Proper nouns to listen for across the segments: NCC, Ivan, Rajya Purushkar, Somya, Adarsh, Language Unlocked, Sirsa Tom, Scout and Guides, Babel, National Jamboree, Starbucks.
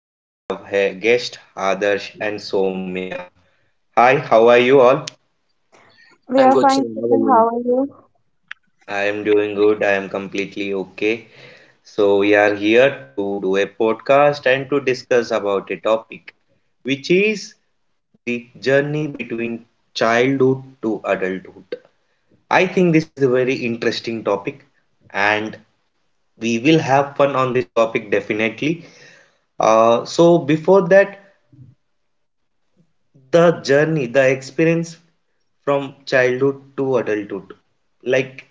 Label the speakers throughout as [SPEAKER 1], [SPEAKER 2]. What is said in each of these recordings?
[SPEAKER 1] So, we have a guest, Adarsh and Somya. Hi, how are you all?
[SPEAKER 2] We
[SPEAKER 3] I'm
[SPEAKER 2] are
[SPEAKER 3] good, sir.
[SPEAKER 2] fine,
[SPEAKER 3] How are
[SPEAKER 2] Kiran. How
[SPEAKER 3] you?
[SPEAKER 2] are you?
[SPEAKER 1] I am doing good. I am completely okay. So, we are here to do a podcast and to discuss about a topic which is the journey between childhood to adulthood. I think this is a very interesting topic and we will have fun on this topic definitely. So before that, the experience from childhood to adulthood, like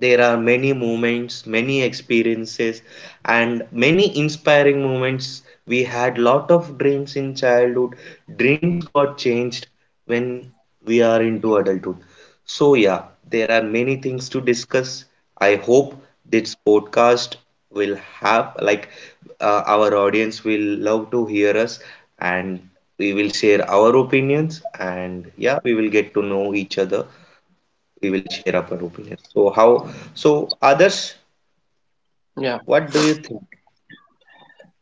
[SPEAKER 1] there are many moments, many experiences, and many inspiring moments. We had lot of dreams in childhood. Dreams got changed when we are into adulthood. So yeah, there are many things to discuss. I hope this podcast will have, like, our audience will love to hear us, and we will share our opinions, and yeah, we will get to know each other, we will share our opinion. So others,
[SPEAKER 3] Yeah.
[SPEAKER 1] what do you think?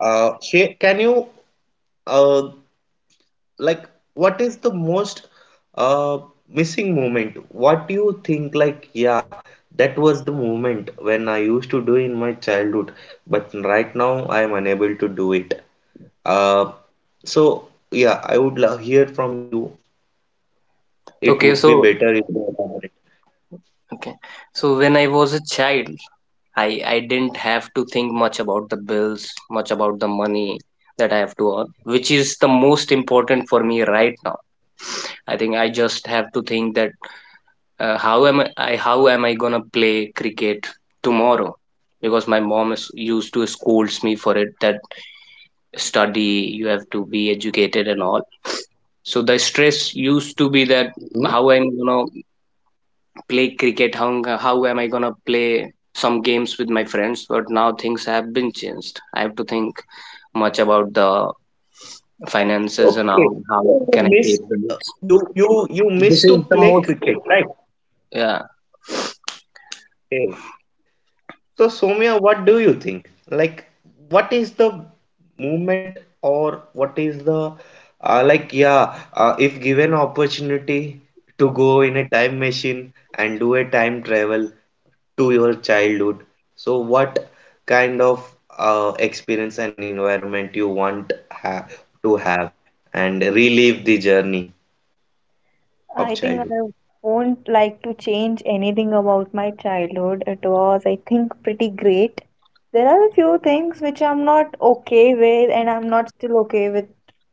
[SPEAKER 1] Share, can you, uh, like, what is the most uh, missing moment? What do you think? Like, yeah, that was the moment when I used to do in my childhood, but right now I am unable to do it. Uh, so yeah, I would love hear from you. It
[SPEAKER 3] Okay,
[SPEAKER 1] would be
[SPEAKER 3] so
[SPEAKER 1] better if you elaborate.
[SPEAKER 3] okay. So when I was a child, I I didn't have to think much about the bills, much about the money that I have to earn, which is the most important for me right now. I think I just have to think that how am I gonna play cricket tomorrow? Because my mom is used to scolds me for it that study, you have to be educated and all. So the stress used to be that
[SPEAKER 1] Hmm?
[SPEAKER 3] how I'm gonna play cricket. How am I going to play some games with my friends? But now things have been changed. I have to think much about the finances and
[SPEAKER 1] Okay.
[SPEAKER 3] how
[SPEAKER 1] So you
[SPEAKER 3] can I
[SPEAKER 1] miss,
[SPEAKER 3] pay the bills.
[SPEAKER 1] you miss
[SPEAKER 3] This
[SPEAKER 1] to
[SPEAKER 3] is the
[SPEAKER 1] play
[SPEAKER 3] most,
[SPEAKER 1] cricket, right?
[SPEAKER 3] yeah.
[SPEAKER 1] Okay. So Soumya, what do you think? Like, what is the movement, or what is the like? Yeah, if given opportunity to go in a time machine and do a time travel to your childhood, so what kind of experience and environment you want ha to have and relive the journey of
[SPEAKER 2] I think I
[SPEAKER 1] childhood?
[SPEAKER 2] won't like to change anything about my childhood. It was, I think, pretty great. There are a few things which I'm not okay with, and I'm not still okay with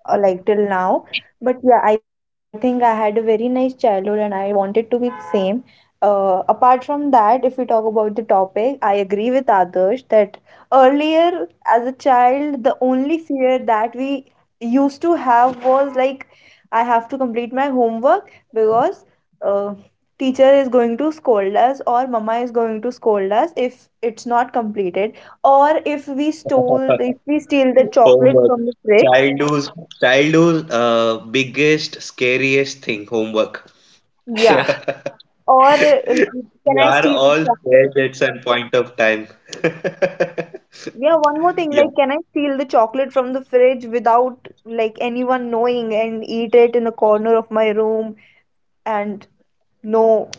[SPEAKER 2] like till now. But yeah, I think I had a very nice childhood and I wanted to be the same. Apart from that, if we talk about the topic, I agree with others that earlier as a child, the only fear that we used to have was like, I have to complete my homework because uh, teacher is going to scold us or mama is going to scold us if it's not completed or if we steal the chocolate
[SPEAKER 1] Homework.
[SPEAKER 2] from the fridge.
[SPEAKER 1] Childhood's childhood's biggest, scariest thing, homework.
[SPEAKER 2] Yeah.
[SPEAKER 3] Yeah,
[SPEAKER 2] Or can
[SPEAKER 1] We
[SPEAKER 2] I
[SPEAKER 1] are
[SPEAKER 2] steal the
[SPEAKER 1] all scared
[SPEAKER 2] chocolate?
[SPEAKER 1] at some point of time.
[SPEAKER 2] Yeah, one more thing,
[SPEAKER 1] Yeah.
[SPEAKER 2] like, can I steal the chocolate from the fridge without like anyone knowing and eat it in a corner of my room, and no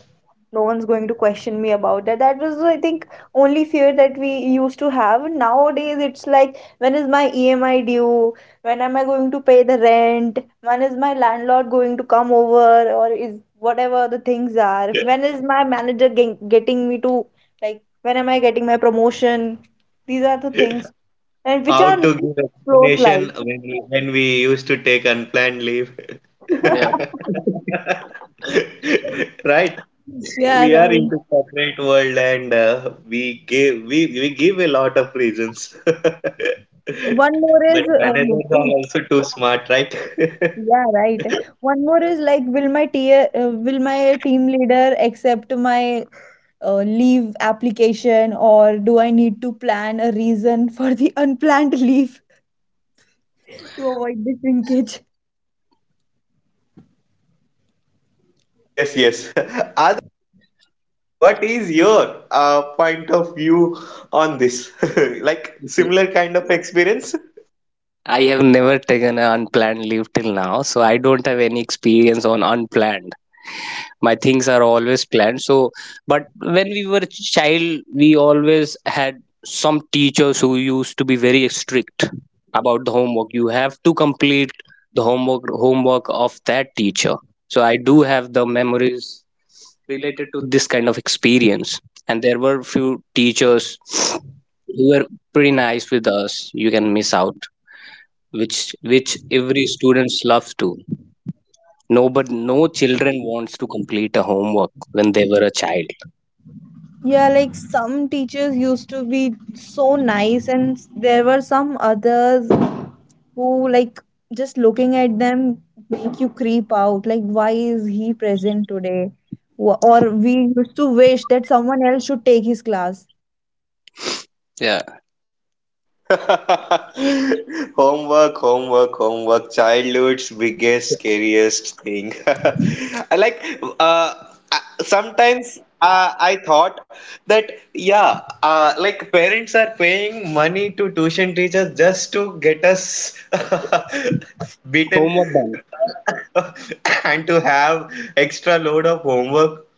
[SPEAKER 2] no one's going to question me about that? That was, I think, only fear that we used to have. Nowadays, it's like, when is my emi due, when am I going to pay the rent, when is my landlord going to come over, or is whatever the things are, when is my manager getting me to, like, when am I getting my promotion? These are the things, and which
[SPEAKER 1] How
[SPEAKER 2] are
[SPEAKER 1] to give
[SPEAKER 2] close, like,
[SPEAKER 1] explanation when when we used to take unplanned leave.
[SPEAKER 3] yeah.
[SPEAKER 1] Right?
[SPEAKER 2] yeah,
[SPEAKER 1] We are
[SPEAKER 2] right.
[SPEAKER 1] into corporate world, and we give a lot of reasons.
[SPEAKER 2] One more
[SPEAKER 1] But
[SPEAKER 2] is
[SPEAKER 1] managers are also too smart, right?
[SPEAKER 2] yeah, right. One more is like, will my tia will my team leader accept my leave application, or do I need to plan a reason for the unplanned leave to avoid the shrinkage?
[SPEAKER 1] Yes, yes. Adi, what do you think? What is your point of view on this? Like,
[SPEAKER 3] Okay.
[SPEAKER 1] similar kind of experience?
[SPEAKER 3] I have never taken an unplanned leave till now, so I don't have any experience on unplanned. My things are always planned. So, but when we were child, we always had some teachers who used to be very strict about the homework. You have to complete the homework of that teacher. So I do have the memories related to this kind of experience. And there were few teachers who were pretty nice with us. You can miss out which which every students loves to. No, but no children wants to complete a homework when they were a child.
[SPEAKER 2] Yeah, like some teachers used to be so nice, and there were some others who, like, just looking at them make you creep out. Like, why is he present today? Or we used to wish that someone else should take his class.
[SPEAKER 3] Yeah,
[SPEAKER 1] Homework, homework, homework. Childhood's biggest, scariest thing. I like, uh, Sometimes I thought that, yeah, like, parents are paying money to tuition teachers just to get us beaten
[SPEAKER 3] homework done
[SPEAKER 1] and to have extra load of homework,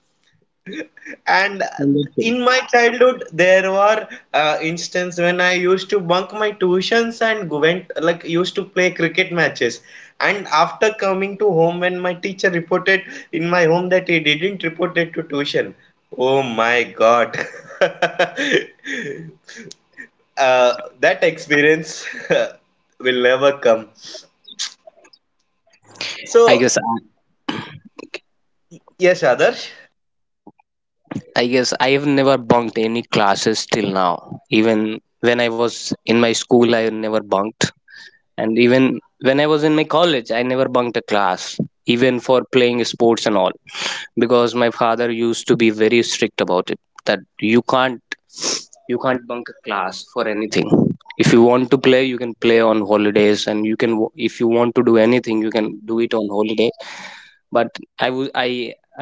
[SPEAKER 1] and
[SPEAKER 3] and then chill.
[SPEAKER 1] in my childhood, there were instances when I used to bunk my tuitions and go- went like used to play cricket matches. And after coming to home, when my teacher reported in my home that he didn't report it to tuition, oh my God, uh, that experience will never come.
[SPEAKER 3] i
[SPEAKER 1] So
[SPEAKER 3] guess I,
[SPEAKER 1] yes, Adarsh.
[SPEAKER 3] I guess I have never bunked any classes till now, even when I was in my school I never bunked, and even when I was in my college I never bunked a class, even for playing sports and all, because my father used to be very strict about it that you can't bunk a class for anything. If you want to play you can play on holidays, and you can, if you want to do anything you can do it on holiday. but i would i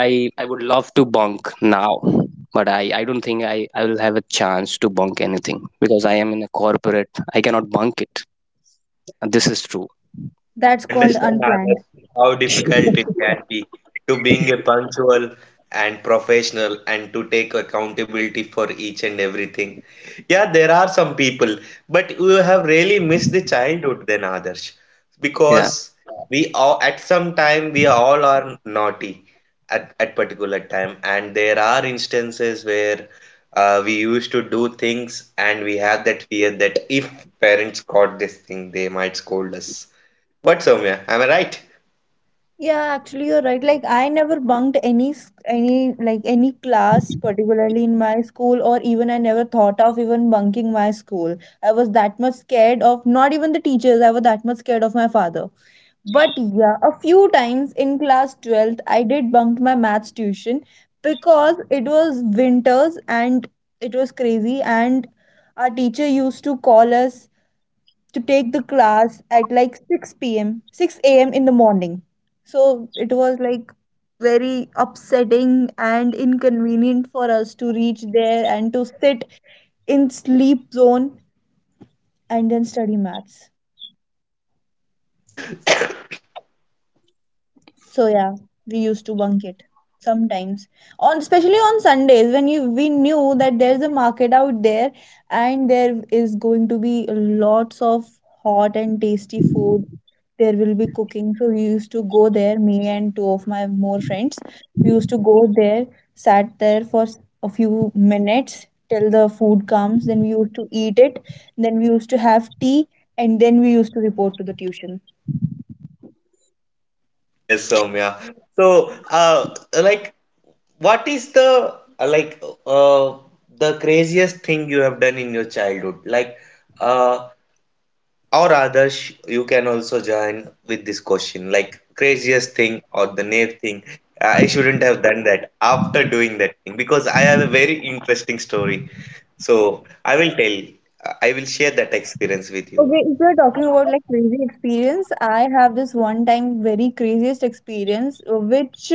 [SPEAKER 3] i I would love to bunk now, but I don't think I will have a chance to bunk anything because I am in a corporate, I cannot bunk it. This is true.
[SPEAKER 1] I
[SPEAKER 2] That's called
[SPEAKER 1] understand,
[SPEAKER 2] unplanned.
[SPEAKER 1] Adarsh, how difficult it can be to being a punctual and professional, and to take accountability for each and everything. Yeah, there are some people, but you have really missed the childhood then, Adarsh,
[SPEAKER 3] Yeah,
[SPEAKER 1] because we all at some time we all are naughty at particular time, and there are instances where we used to do things, and we have that fear that if parents caught this thing, they might scold us. What, Soumya? Am I right?
[SPEAKER 2] Yeah, actually you're right. Like, I never bunked any like any class particularly in my school, or even I never thought of even bunking my school. I was that much scared of not even the teachers. I was that much scared of my father. But yeah, a few times in class 12th I did bunk my maths tuition because it was winters and it was crazy, and our teacher used to call us to take the class at like 6 p.m., 6 a.m. in the morning. So it was like very upsetting and inconvenient for us to reach there and to sit in sleep zone and then study maths. So yeah, we used to bunk it sometimes, on especially on Sundays when you we knew that there's a market out there and there is going to be lots of hot and tasty food. There will be cooking. So we used to go there, me and two of my more friends. We used to go there, sat there for a few minutes till the food comes. Then we used to eat it. Then we used to have tea and then we used to report to the tuition.
[SPEAKER 1] Yes, yes, Soumya. So, like, what is the craziest thing you have done in your childhood? Like, uh, or others, you can also join with this question. Like, craziest thing, or the naive thing. I shouldn't have done that after doing that thing, because I have a very interesting story. So, I will tell. I will share that experience with you.
[SPEAKER 2] Okay, if you're talking about like crazy experience, I have this one time very craziest experience, which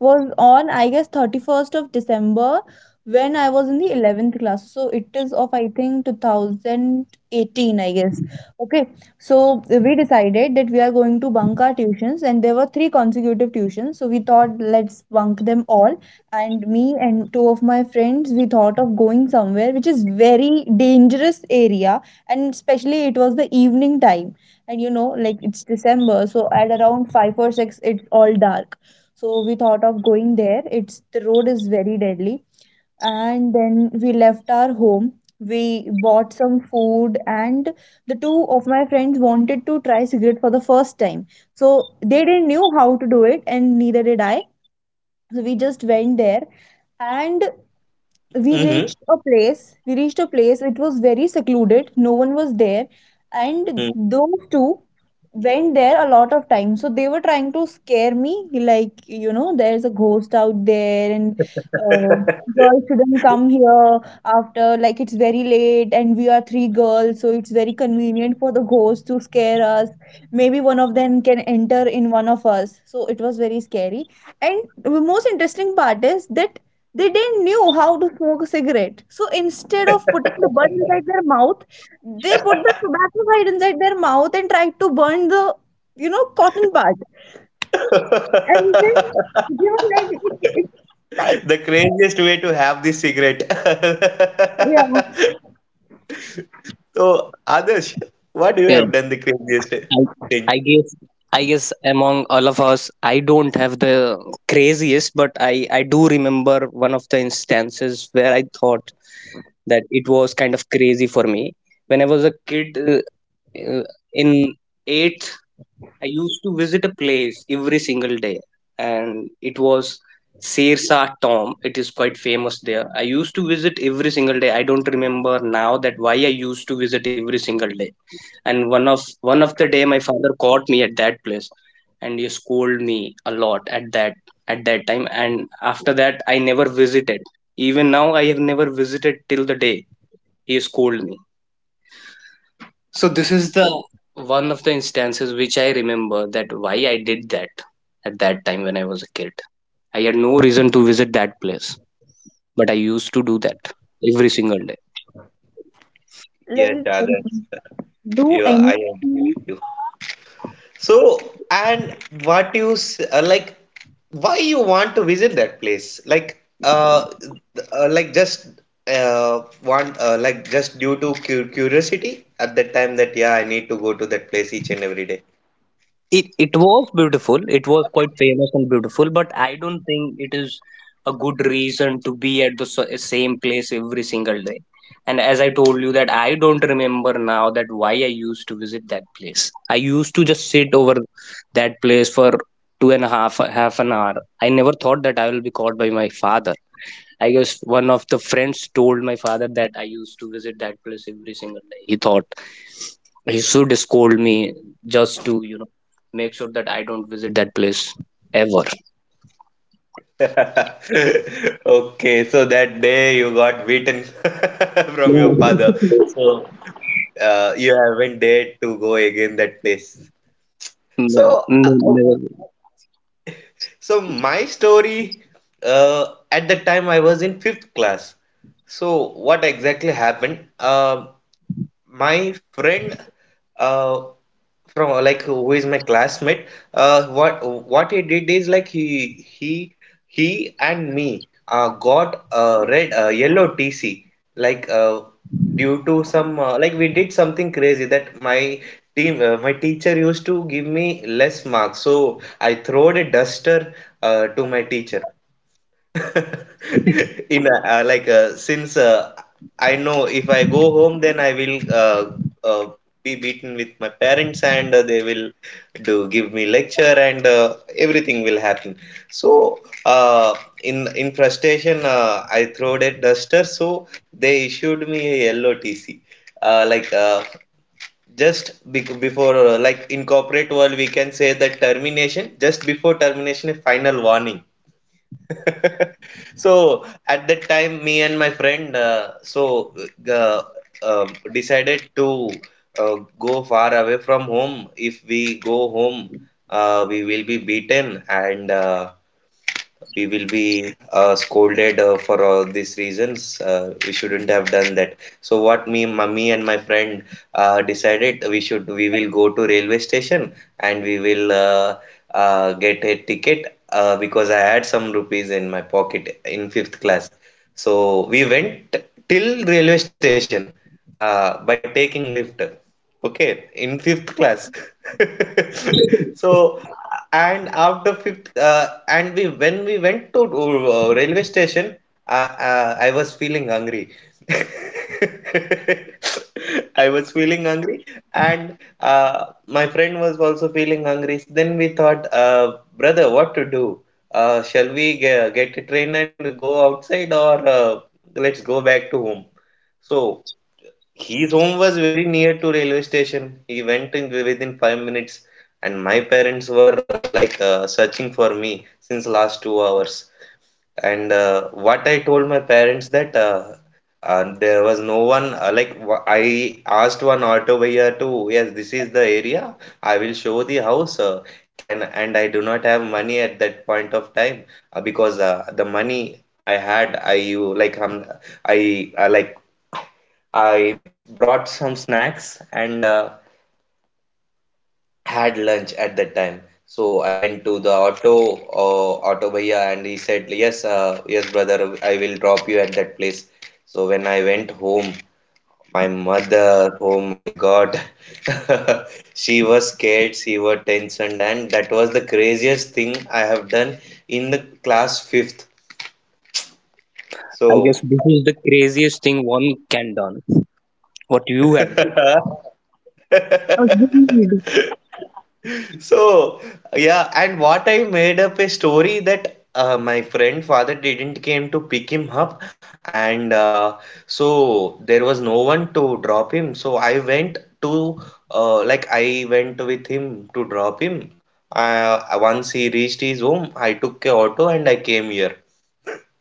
[SPEAKER 2] was on, I guess, 31st of December when I was in the 11th class. So it is of, I think, 2018, I guess. Okay, so we decided that we are going to bunk our tuitions, and there were three consecutive tuitions. So we thought, let's bunk them all. And me and two of my friends, we thought of going somewhere which is very dangerous area, and especially it was the evening time. And you know, like, it's december, so at around 5 or 6 it's all dark. So we thought of going there. It's the road is very deadly. And then we left our home, we bought some food, and the two of my friends wanted to try cigarette for the first time. So they didn't knew how to do it, and neither did I. So we just went there, and we
[SPEAKER 1] Mm-hmm.
[SPEAKER 2] reached a place. It was very secluded. No one was there. And those two went there a lot of times. So they were trying to scare me, like, you know, there's a ghost out there, and uh, girls shouldn't come here after, like, it's very late and we are three girls. So it's very convenient for the ghost to scare us. Maybe one of them can enter in one of us. So it was very scary. And the most interesting part is that they didn't knew how to smoke a cigarette. So instead of putting the bud inside their mouth, they put the tobacco side inside their mouth and tried to burn the, you know, cotton part. And then, you know, like, like,
[SPEAKER 1] The craziest way to have this cigarette.
[SPEAKER 2] yeah,
[SPEAKER 1] So, Adarsh, what do you
[SPEAKER 3] yeah.
[SPEAKER 1] have done the craziest
[SPEAKER 3] I,
[SPEAKER 1] thing?
[SPEAKER 3] I guess I guess among all of us, I don't have the craziest, but I do remember one of the instances where I thought that it was kind of crazy for me when I was a kid, uh, in eighth. I used to visit a place every single day, and it was Sirsa Tom. It is quite famous there. I used to visit every single day. I don't remember now that why I used to visit every single day. And one of the day, my father caught me at that place, and he scolded me a lot at that time. And after that, I never visited. Even now, I have never visited till the day he scolded me. So this is the one of the instances which I remember that why I did that at that time when I was a kid. I had no reason to visit that place, but I used to do that every single day.
[SPEAKER 1] Yes,
[SPEAKER 2] like,
[SPEAKER 1] Adarsh,
[SPEAKER 2] do
[SPEAKER 1] I agree
[SPEAKER 2] anything
[SPEAKER 1] with you. So, and what you like? Why you want to visit that place? Like, like, just want, like, just due to cu curiosity at that time, that yeah, I need to go to that place each and every day.
[SPEAKER 3] It was beautiful. It was quite famous and beautiful, but I don't think it is a good reason to be at the same place every single day. And as I told you that I don't remember now that why I used to visit that place. I used to just sit over that place for two and a half an hour. I never thought that I will be caught by my father. I guess one of the friends told my father that I used to visit that place every single day. He thought he should scold me just to, you know, make sure that I don't visit that place ever.
[SPEAKER 1] Okay, so that day you got beaten from your
[SPEAKER 3] No,
[SPEAKER 1] father. So, you haven't dared to go again that place.
[SPEAKER 3] no,
[SPEAKER 1] So, uh,
[SPEAKER 3] No, never.
[SPEAKER 1] so, my story, at the time I was in fifth class. So what exactly happened? My friend, uh, from like who is my classmate, what he did is like, he and me, got a red, yellow TC, like, due to some, like, we did something crazy, that my team my teacher used to give me less marks, so I throwed a duster, to my teacher, in a, since, I know if I go home, then I will uh, be beaten with my parents, and they will do give me lecture, and everything will happen. So uh, in frustration, I threw a duster. So they issued me a yellow TC. Uh, like uh, just before, like in corporate world, we can say that termination. Just before termination, a final warning. So at that time, me and my friend, uh, decided to go far away from home. If we go home, we will be beaten, and we will be scolded, for all these reasons. We shouldn't have done that. So what me, mummy and my friend, decided, we will go to railway station, and we will get a ticket, because I had some rupees in my pocket in fifth class. So we went till railway station, by taking lift. Okay, in fifth class. So, and after fifth, and we when we went to railway station, I was feeling hungry. I was feeling hungry, and my friend was also feeling hungry. Then we thought, brother, what to do? Shall we get a train and go outside, or let's go back to home? So his home was very near to railway station. He went in within 5 minutes, and my parents were searching for me since last 2 hours. And What I told my parents that, there was no one. I asked one auto buyer to, yes, this is the area. I will show the house. Can and I do not have money at that point of time, because the money I had, I you like I like I brought some snacks and had lunch at that time. So I went to the auto bhaiya, and he said, "Yes, brother, I will drop you at that place." So when I went home, my mother, oh my God, she was scared, she was tensioned, and that was the craziest thing I have done in the class fifth.
[SPEAKER 3] I
[SPEAKER 1] So.
[SPEAKER 3] guess this is the craziest thing one can done. What you have done.
[SPEAKER 2] agreed.
[SPEAKER 1] So, yeah, and what I made up a story that, my friend father didn't came to pick him up, and so there was no one to drop him. So I went with him to drop him. Once he reached his home, I took a auto and I came here.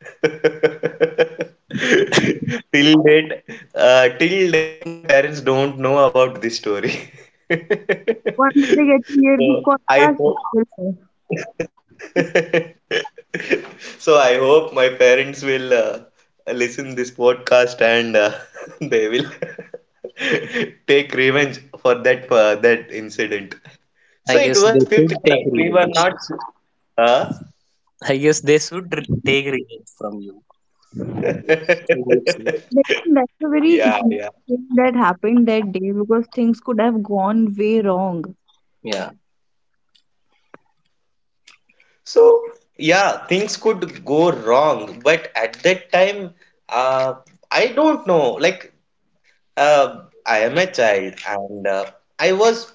[SPEAKER 1] Till date, till date, my parents don't know about this story.
[SPEAKER 2] Once they get to hear this
[SPEAKER 1] So I
[SPEAKER 2] podcast, they
[SPEAKER 1] hope.
[SPEAKER 2] will know.
[SPEAKER 1] So I hope my parents will listen this podcast, and they will take revenge for that incident.
[SPEAKER 3] I
[SPEAKER 1] So it
[SPEAKER 3] guess
[SPEAKER 1] was
[SPEAKER 3] they
[SPEAKER 1] fifth
[SPEAKER 3] should
[SPEAKER 1] class.
[SPEAKER 3] take
[SPEAKER 1] We were
[SPEAKER 3] revenge.
[SPEAKER 1] not. Huh?
[SPEAKER 3] I guess they should take revenge from you. I hope so.
[SPEAKER 2] Like, that's a very
[SPEAKER 1] Yeah,
[SPEAKER 2] huge
[SPEAKER 1] yeah.
[SPEAKER 2] thing that happened that day because things could have gone way wrong.
[SPEAKER 3] Yeah.
[SPEAKER 1] So, yeah, things could go wrong, but at that time, uh, I don't know. Like, uh, I am a child, and I was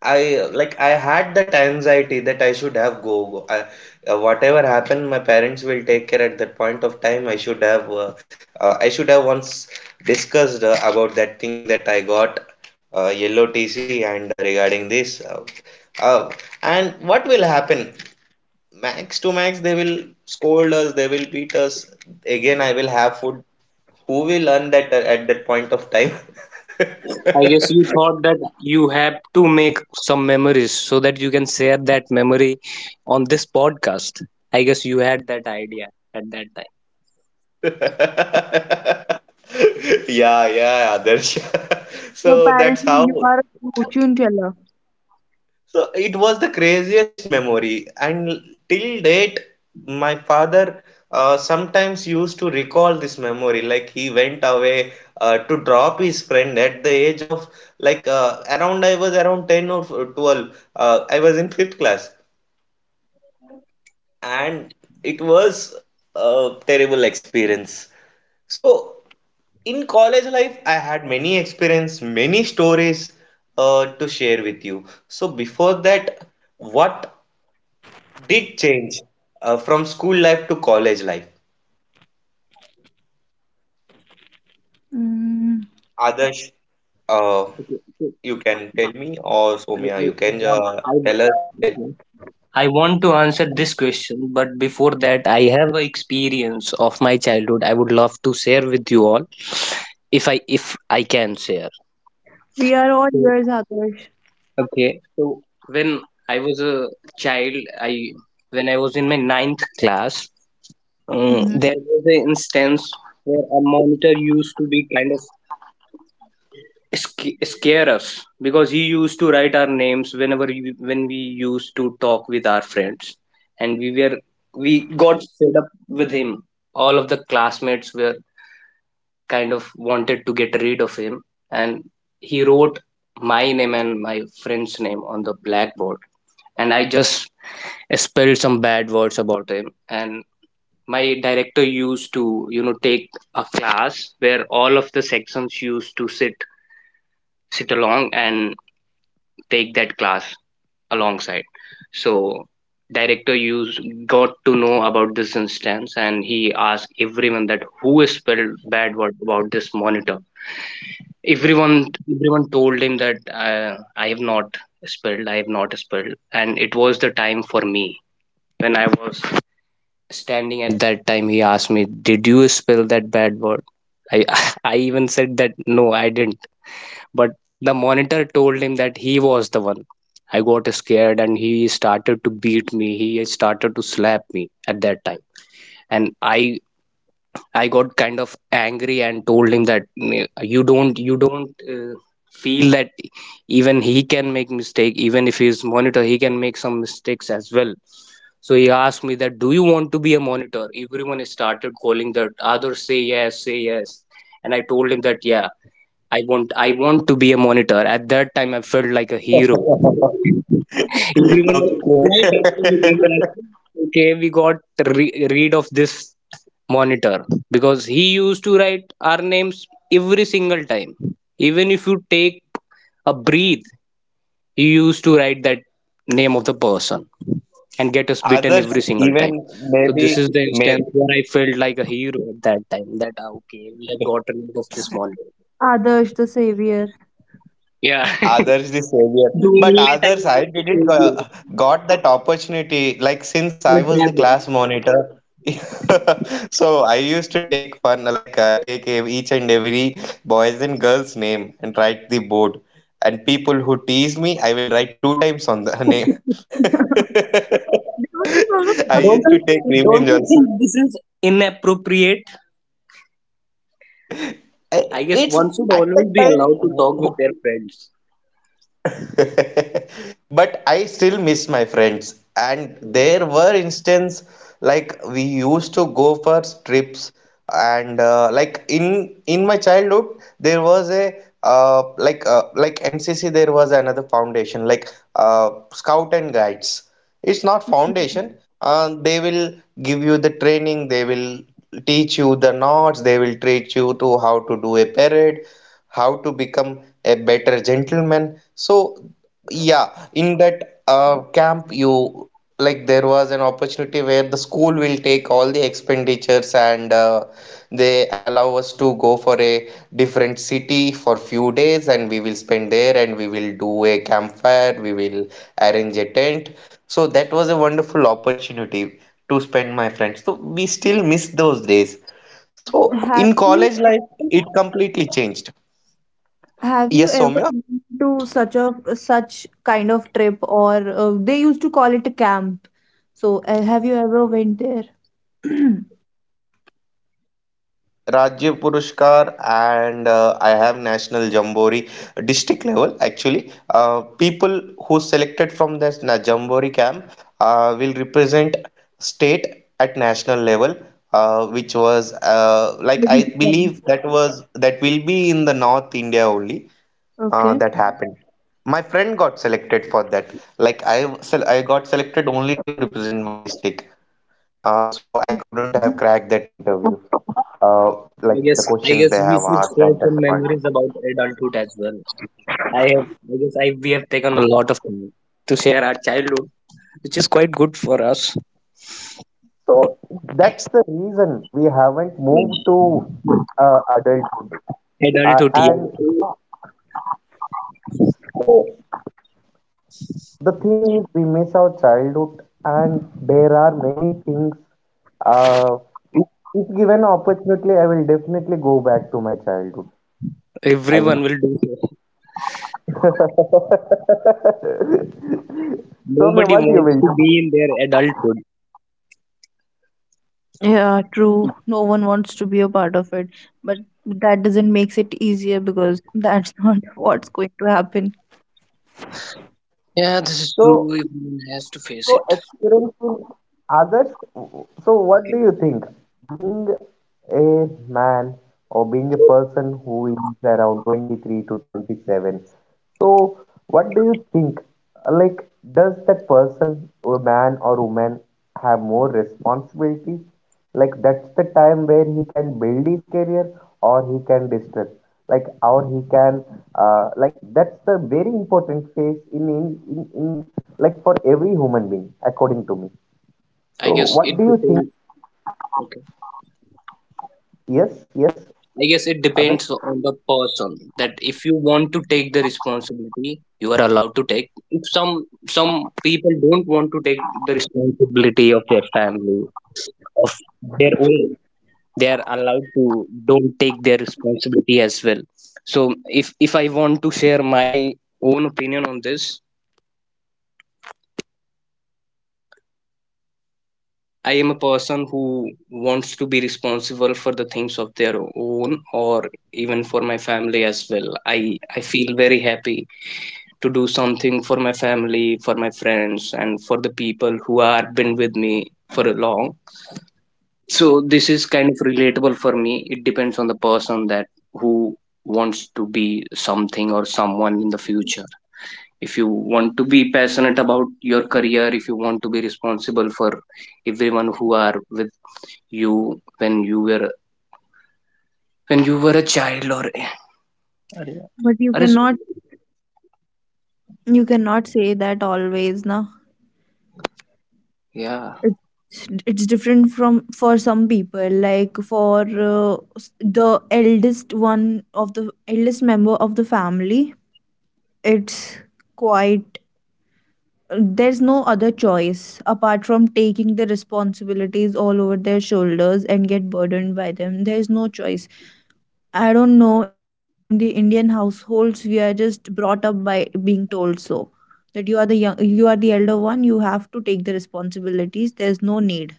[SPEAKER 1] I had that anxiety that I should have go. Whatever happened, my parents will take care at that point of time. I should have once discussed, about that thing that I got, yellow TC, and regarding this. Uh, and what will happen? Max to max, they will scold us. They will beat us. Again, I will have food. Who will earn that, at that point of time?
[SPEAKER 3] I guess you thought that you have to make some memories so that you can share that memory on this podcast. I guess you had that idea at that time.
[SPEAKER 1] Yeah, yeah, Adarsh.
[SPEAKER 2] So
[SPEAKER 1] So that's
[SPEAKER 2] apparently you
[SPEAKER 1] how.
[SPEAKER 2] are a fortune teller.
[SPEAKER 1] So it was the craziest memory, and till date, my father sometimes used to recall this memory. Like, he went away to drop his friend at the age of, around I was around 10 or 12. I was in fifth class, and it was a terrible experience. So. In college life, I had many experience, many stories, to share with you. So before that, what did change, from school life to college life?
[SPEAKER 2] Mm.
[SPEAKER 1] Others, uh,
[SPEAKER 3] Okay, so
[SPEAKER 1] you can tell me, or
[SPEAKER 3] I,
[SPEAKER 1] Somya, you
[SPEAKER 3] I
[SPEAKER 1] can
[SPEAKER 3] want I
[SPEAKER 1] tell us. Tell.
[SPEAKER 3] okay. I want to answer this question, but before that, I have an experience of my childhood. I would love to share with you all, if I can share.
[SPEAKER 2] We are all
[SPEAKER 3] So-
[SPEAKER 2] yours, Adarsh.
[SPEAKER 3] Okay, so when I was a child, I when I was in my ninth class,
[SPEAKER 2] Mm-hmm.
[SPEAKER 3] there was an instance where a monitor used to be kind of scare us because he used to write our names whenever when we used to talk with our friends, and we got fed up with him. All of the classmates were kind of wanted to get rid of him, and he wrote my name and my friend's name on the blackboard, and I just spelled some bad words about him. And my director used to, you know, take a class where all of the sections used to sit along and take that class alongside. So director used got to know about this instance, and he asked everyone that who is spelled bad word about this monitor. everyone Everyone told him that uh, i have not I have not spelled. And it was the time for me when I was standing. At that time he asked me, did you spell that bad word? I I even said that no, I didn't. But the monitor told him that he was the one. I got scared and he started to beat me. He started to slap me at that time. And I got kind of angry and told him that, You don't feel that even he can make mistake. Even if he's monitor he can make some mistakes as well." So he asked me that, do you want to be a monitor? Everyone started calling that, others say yes, say yes. And I told him that, yeah, I want to be a monitor. At that time, I felt like a hero. Everyone was, "Why
[SPEAKER 1] Okay.
[SPEAKER 3] doctor you being like, okay, we got rid of this monitor," because he used to write our names every single time. Even if you take a breathe, he used to write that name of the person and get us beaten
[SPEAKER 1] Others,
[SPEAKER 3] every single
[SPEAKER 1] even
[SPEAKER 3] time. So
[SPEAKER 1] maybe,
[SPEAKER 3] this is the
[SPEAKER 1] may,
[SPEAKER 3] instance where I felt like a hero at that time. That ah, okay, we have gotten rid of this monitor.
[SPEAKER 2] Adarsh the savior.
[SPEAKER 3] Yeah.
[SPEAKER 1] Others the
[SPEAKER 3] The
[SPEAKER 1] savior, but
[SPEAKER 3] only time
[SPEAKER 1] others
[SPEAKER 3] I
[SPEAKER 1] I
[SPEAKER 3] will
[SPEAKER 1] didn't
[SPEAKER 3] tell
[SPEAKER 1] go,
[SPEAKER 3] you
[SPEAKER 1] got that opportunity. Like, since I
[SPEAKER 3] and
[SPEAKER 1] was
[SPEAKER 3] grab
[SPEAKER 1] the
[SPEAKER 3] it.
[SPEAKER 1] class monitor, so I used to take fun, like, take each and every boys and girls name and write the board. And people who tease me, I will write two times on the name.
[SPEAKER 2] There was this sort of
[SPEAKER 1] I
[SPEAKER 2] plus
[SPEAKER 3] Don't
[SPEAKER 1] used
[SPEAKER 2] plus
[SPEAKER 1] to
[SPEAKER 3] you
[SPEAKER 1] take
[SPEAKER 2] thing.
[SPEAKER 3] don't
[SPEAKER 1] revenge
[SPEAKER 3] you think
[SPEAKER 1] also.
[SPEAKER 3] this is inappropriate? I guess
[SPEAKER 1] It's
[SPEAKER 3] one should
[SPEAKER 1] at
[SPEAKER 3] always
[SPEAKER 1] that
[SPEAKER 3] be allowed to talk
[SPEAKER 1] time.
[SPEAKER 3] with their friends.
[SPEAKER 1] But I still miss my friends. And
[SPEAKER 3] Hmm,
[SPEAKER 1] there were instances, like we used to go for trips, and like, in my childhood there was a, like, NCC, there was another foundation, Scout and Guides. It's not foundation.
[SPEAKER 3] okay.
[SPEAKER 1] They will give you the training. They will teach you the knots. They will teach you to how to do a parade, how to become a better gentleman. So, yeah, in that camp, you like there was an opportunity where the school will take all the expenditures, and they allow us to go for a different city for few days, and we will spend there, and we will do a campfire, we will arrange a tent. So that was a wonderful opportunity to spend my friends. So we still miss those days. So
[SPEAKER 2] Have
[SPEAKER 1] in
[SPEAKER 2] you
[SPEAKER 1] college life,
[SPEAKER 2] ever,
[SPEAKER 1] it completely changed.
[SPEAKER 2] have you
[SPEAKER 1] Yes,
[SPEAKER 2] ever
[SPEAKER 1] Soumya.
[SPEAKER 2] been to such a such kind of trip or they used to call it a camp. So have you ever went there?
[SPEAKER 1] Yes, I completed Rajya Purushkar, and I have National Jamboree district level, actually. People who selected from this Jamboree camp, will represent state at national level, which was, like,
[SPEAKER 2] Like,
[SPEAKER 1] I
[SPEAKER 2] yeah.
[SPEAKER 1] believe that will be in the North India only,
[SPEAKER 2] Okay.
[SPEAKER 1] that happened. My friend got selected for that. Like, I got selected only to represent my district. So I couldn't have
[SPEAKER 2] Mhm.
[SPEAKER 1] cracked that interview, uh, like, the
[SPEAKER 3] I
[SPEAKER 1] questions
[SPEAKER 3] guess
[SPEAKER 1] they
[SPEAKER 3] we
[SPEAKER 1] have
[SPEAKER 3] should
[SPEAKER 1] asked
[SPEAKER 3] share
[SPEAKER 1] at
[SPEAKER 3] some
[SPEAKER 1] that point.
[SPEAKER 3] memories about adulthood as well. I have I guess I we have taken a lot of time to share our childhood, which is quite good for us.
[SPEAKER 1] So that's the reason we haven't moved to
[SPEAKER 3] Yeah.
[SPEAKER 1] adulthood. Uh,
[SPEAKER 3] Adulthood,
[SPEAKER 1] and
[SPEAKER 3] yeah.
[SPEAKER 1] so the thing is, we miss our childhood, and there are many things. Uh, if, if given opportunity, I will definitely go back to my childhood. I will.
[SPEAKER 3] Everyone will do so.
[SPEAKER 1] So, me,
[SPEAKER 3] Nobody
[SPEAKER 1] what you
[SPEAKER 3] wants
[SPEAKER 1] will
[SPEAKER 3] to
[SPEAKER 1] do?
[SPEAKER 3] be in their adulthood.
[SPEAKER 2] Yeah, true. No one wants to be a part of it, but that doesn't makes it easier because that's not what's going to happen.
[SPEAKER 3] Yeah, this is true.
[SPEAKER 1] So,
[SPEAKER 3] Everyone has to face it.
[SPEAKER 1] So experiencing others. So, what do
[SPEAKER 3] Okay.
[SPEAKER 1] you think? Being a man or being a person who is around 23 to 27, so, what do you think? Like, does that person, a man or woman, have more responsibility? Like, that's the time where he can build his career or he can destruct. Like, or he can, like, that's the very important phase in, like, for every human being, according to me.
[SPEAKER 3] I
[SPEAKER 1] So,
[SPEAKER 3] guess
[SPEAKER 1] what
[SPEAKER 3] it
[SPEAKER 1] do you think?
[SPEAKER 3] depends. Okay.
[SPEAKER 1] Yes, yes,
[SPEAKER 3] I guess it depends
[SPEAKER 1] Others.
[SPEAKER 3] on the person that if you want to take the responsibility, you are allowed to take. If some people don't want to take the responsibility of their family, of their own, they are allowed to don't take their responsibility as well. So if I want to share my
[SPEAKER 1] Okay.
[SPEAKER 3] own opinion on this,
[SPEAKER 1] So, Somya,
[SPEAKER 3] I am a person who wants
[SPEAKER 1] all
[SPEAKER 3] to be
[SPEAKER 1] right.
[SPEAKER 3] responsible for the things of their own
[SPEAKER 1] Mm-hmm.
[SPEAKER 3] or even for my family as well. I
[SPEAKER 1] Mm-hmm.
[SPEAKER 3] feel very happy to do something for my family, for my friends,
[SPEAKER 1] So,
[SPEAKER 3] and
[SPEAKER 1] what do
[SPEAKER 3] for the
[SPEAKER 1] you think,
[SPEAKER 3] people who
[SPEAKER 1] Somya?
[SPEAKER 3] have been with me for a long. So this is kind of relatable for me. It depends on the person that
[SPEAKER 1] Okay,
[SPEAKER 3] who wants to be something or
[SPEAKER 1] all right.
[SPEAKER 3] someone in the future. If you want to be passionate about
[SPEAKER 1] So,
[SPEAKER 3] your career, if
[SPEAKER 1] am
[SPEAKER 3] you
[SPEAKER 1] I
[SPEAKER 3] want to be
[SPEAKER 1] audible?
[SPEAKER 3] responsible for everyone who are with you
[SPEAKER 1] Guys, am I
[SPEAKER 3] when you
[SPEAKER 1] audible?
[SPEAKER 3] were when you were a child. Or अरे,
[SPEAKER 2] But you cannot, you
[SPEAKER 1] Guys,
[SPEAKER 2] cannot
[SPEAKER 1] am I
[SPEAKER 2] say
[SPEAKER 1] audible?
[SPEAKER 2] that always, na.
[SPEAKER 3] yeah,
[SPEAKER 2] It's different from for some people. Like, for the eldest
[SPEAKER 1] Guys,
[SPEAKER 2] one
[SPEAKER 1] am I audible?
[SPEAKER 2] of the eldest member of the
[SPEAKER 1] It's okay.
[SPEAKER 2] family,
[SPEAKER 1] So that's the intro.
[SPEAKER 2] it's
[SPEAKER 1] Like we had
[SPEAKER 2] quite,
[SPEAKER 1] so much of fun,
[SPEAKER 2] there's no other
[SPEAKER 1] and
[SPEAKER 2] choice apart from
[SPEAKER 1] I
[SPEAKER 2] taking
[SPEAKER 1] hope
[SPEAKER 2] the
[SPEAKER 1] you guys will enjoy it.
[SPEAKER 2] responsibilities all over their shoulders and get burdened by them. There's no choice.
[SPEAKER 1] So,
[SPEAKER 2] I
[SPEAKER 1] what do
[SPEAKER 2] don't
[SPEAKER 1] you
[SPEAKER 2] know,
[SPEAKER 1] think?
[SPEAKER 2] in the indian households we are just brought up by being told so, that you are the young, you are the elder one, you have to take the responsibilities. There's no need.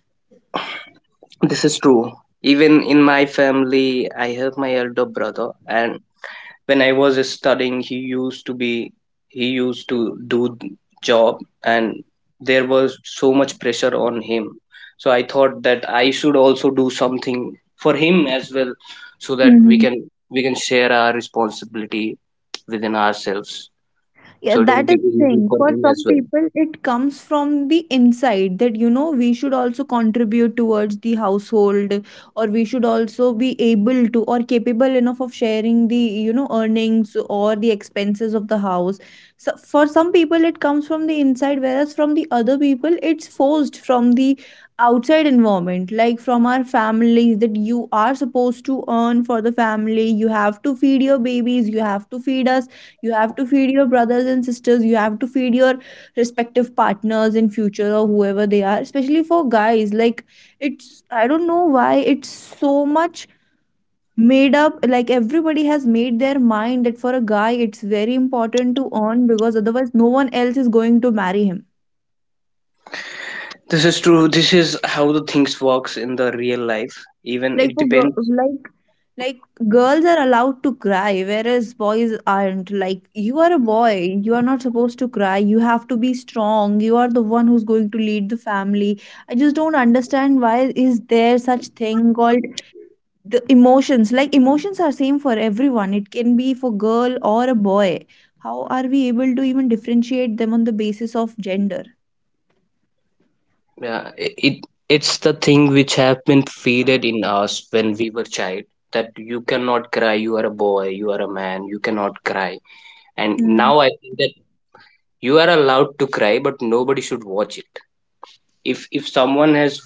[SPEAKER 3] this is true. Even in my family I have
[SPEAKER 1] Hello.
[SPEAKER 3] my elder brother, and when I was studying, he used to do job, and there was so much pressure on him. So I thought that I should also do something for him as well, so that
[SPEAKER 2] Mhm.
[SPEAKER 3] we can share our responsibility within ourselves.
[SPEAKER 2] Yeah,
[SPEAKER 3] So it will
[SPEAKER 2] that is
[SPEAKER 3] be
[SPEAKER 2] the
[SPEAKER 3] easy
[SPEAKER 2] thing.
[SPEAKER 3] for
[SPEAKER 2] For
[SPEAKER 3] him as
[SPEAKER 2] some
[SPEAKER 3] well.
[SPEAKER 2] people, it comes from the inside that, you know, we should also contribute towards the household or we should also be able to or capable enough of sharing the, you know, earnings or the expenses of the house. So for some people, it comes from the inside, whereas from the other people, it's forced from the outside environment, like from our families that you are supposed to earn for the family, you have to feed your babies, you have to feed us, you have to feed your brothers and sisters, you have to feed your respective partners in future or whoever they are. Especially for guys, like, it's, I don't know why it's so much made up, like, everybody has made their mind that for a guy it's very important to earn because otherwise no one else is going to marry him.
[SPEAKER 3] This is true. This is how the things works in the real life. Even
[SPEAKER 2] Like,
[SPEAKER 3] it
[SPEAKER 2] for girl,
[SPEAKER 3] depends.
[SPEAKER 2] like, like girls are allowed to cry whereas boys aren't. Like, you are a boy, you are not supposed to cry, you have to be strong, you are the one who's going to lead the family. I just don't understand why is there such thing called the emotions. Like, emotions are same for everyone. It can be for girl or a boy. How are we able to even differentiate them on the basis of gender?
[SPEAKER 3] It it's the thing which have been feeded in us when we were child, that you cannot cry, you are a boy, you are a man, you cannot cry. And
[SPEAKER 2] Hmm.
[SPEAKER 3] now I think that you are allowed to cry, but nobody should watch it. If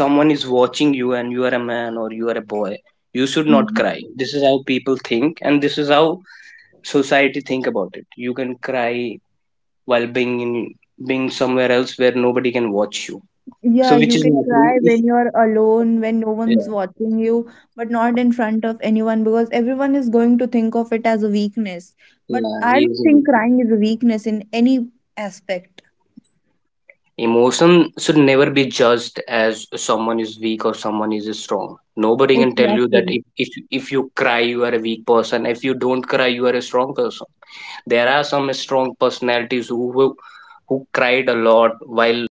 [SPEAKER 3] someone is watching you and you are a man or you are a boy, you should not
[SPEAKER 2] Hmm.
[SPEAKER 3] cry. This is how people think, and this is how society think about it. You can cry while being somewhere else where nobody can watch you.
[SPEAKER 2] Yeah,
[SPEAKER 3] So which
[SPEAKER 2] you
[SPEAKER 3] is
[SPEAKER 2] can
[SPEAKER 3] not true.
[SPEAKER 2] cry when
[SPEAKER 3] If-
[SPEAKER 2] you're alone, when no
[SPEAKER 3] Yeah.
[SPEAKER 2] one's watching you, but not in front of anyone because everyone is going to think of it as a weakness. But
[SPEAKER 3] Yeah,
[SPEAKER 2] I
[SPEAKER 3] he
[SPEAKER 2] don't
[SPEAKER 3] is a
[SPEAKER 2] think
[SPEAKER 3] weak man.
[SPEAKER 2] crying is a weakness in any aspect.
[SPEAKER 3] Emotion should never be judged as someone is weak or someone is strong. Nobody can tell you that
[SPEAKER 2] Exactly.
[SPEAKER 3] if, if you cry you are a weak person. If you don't cry you are a strong person. There are some strong personalities who cried a lot while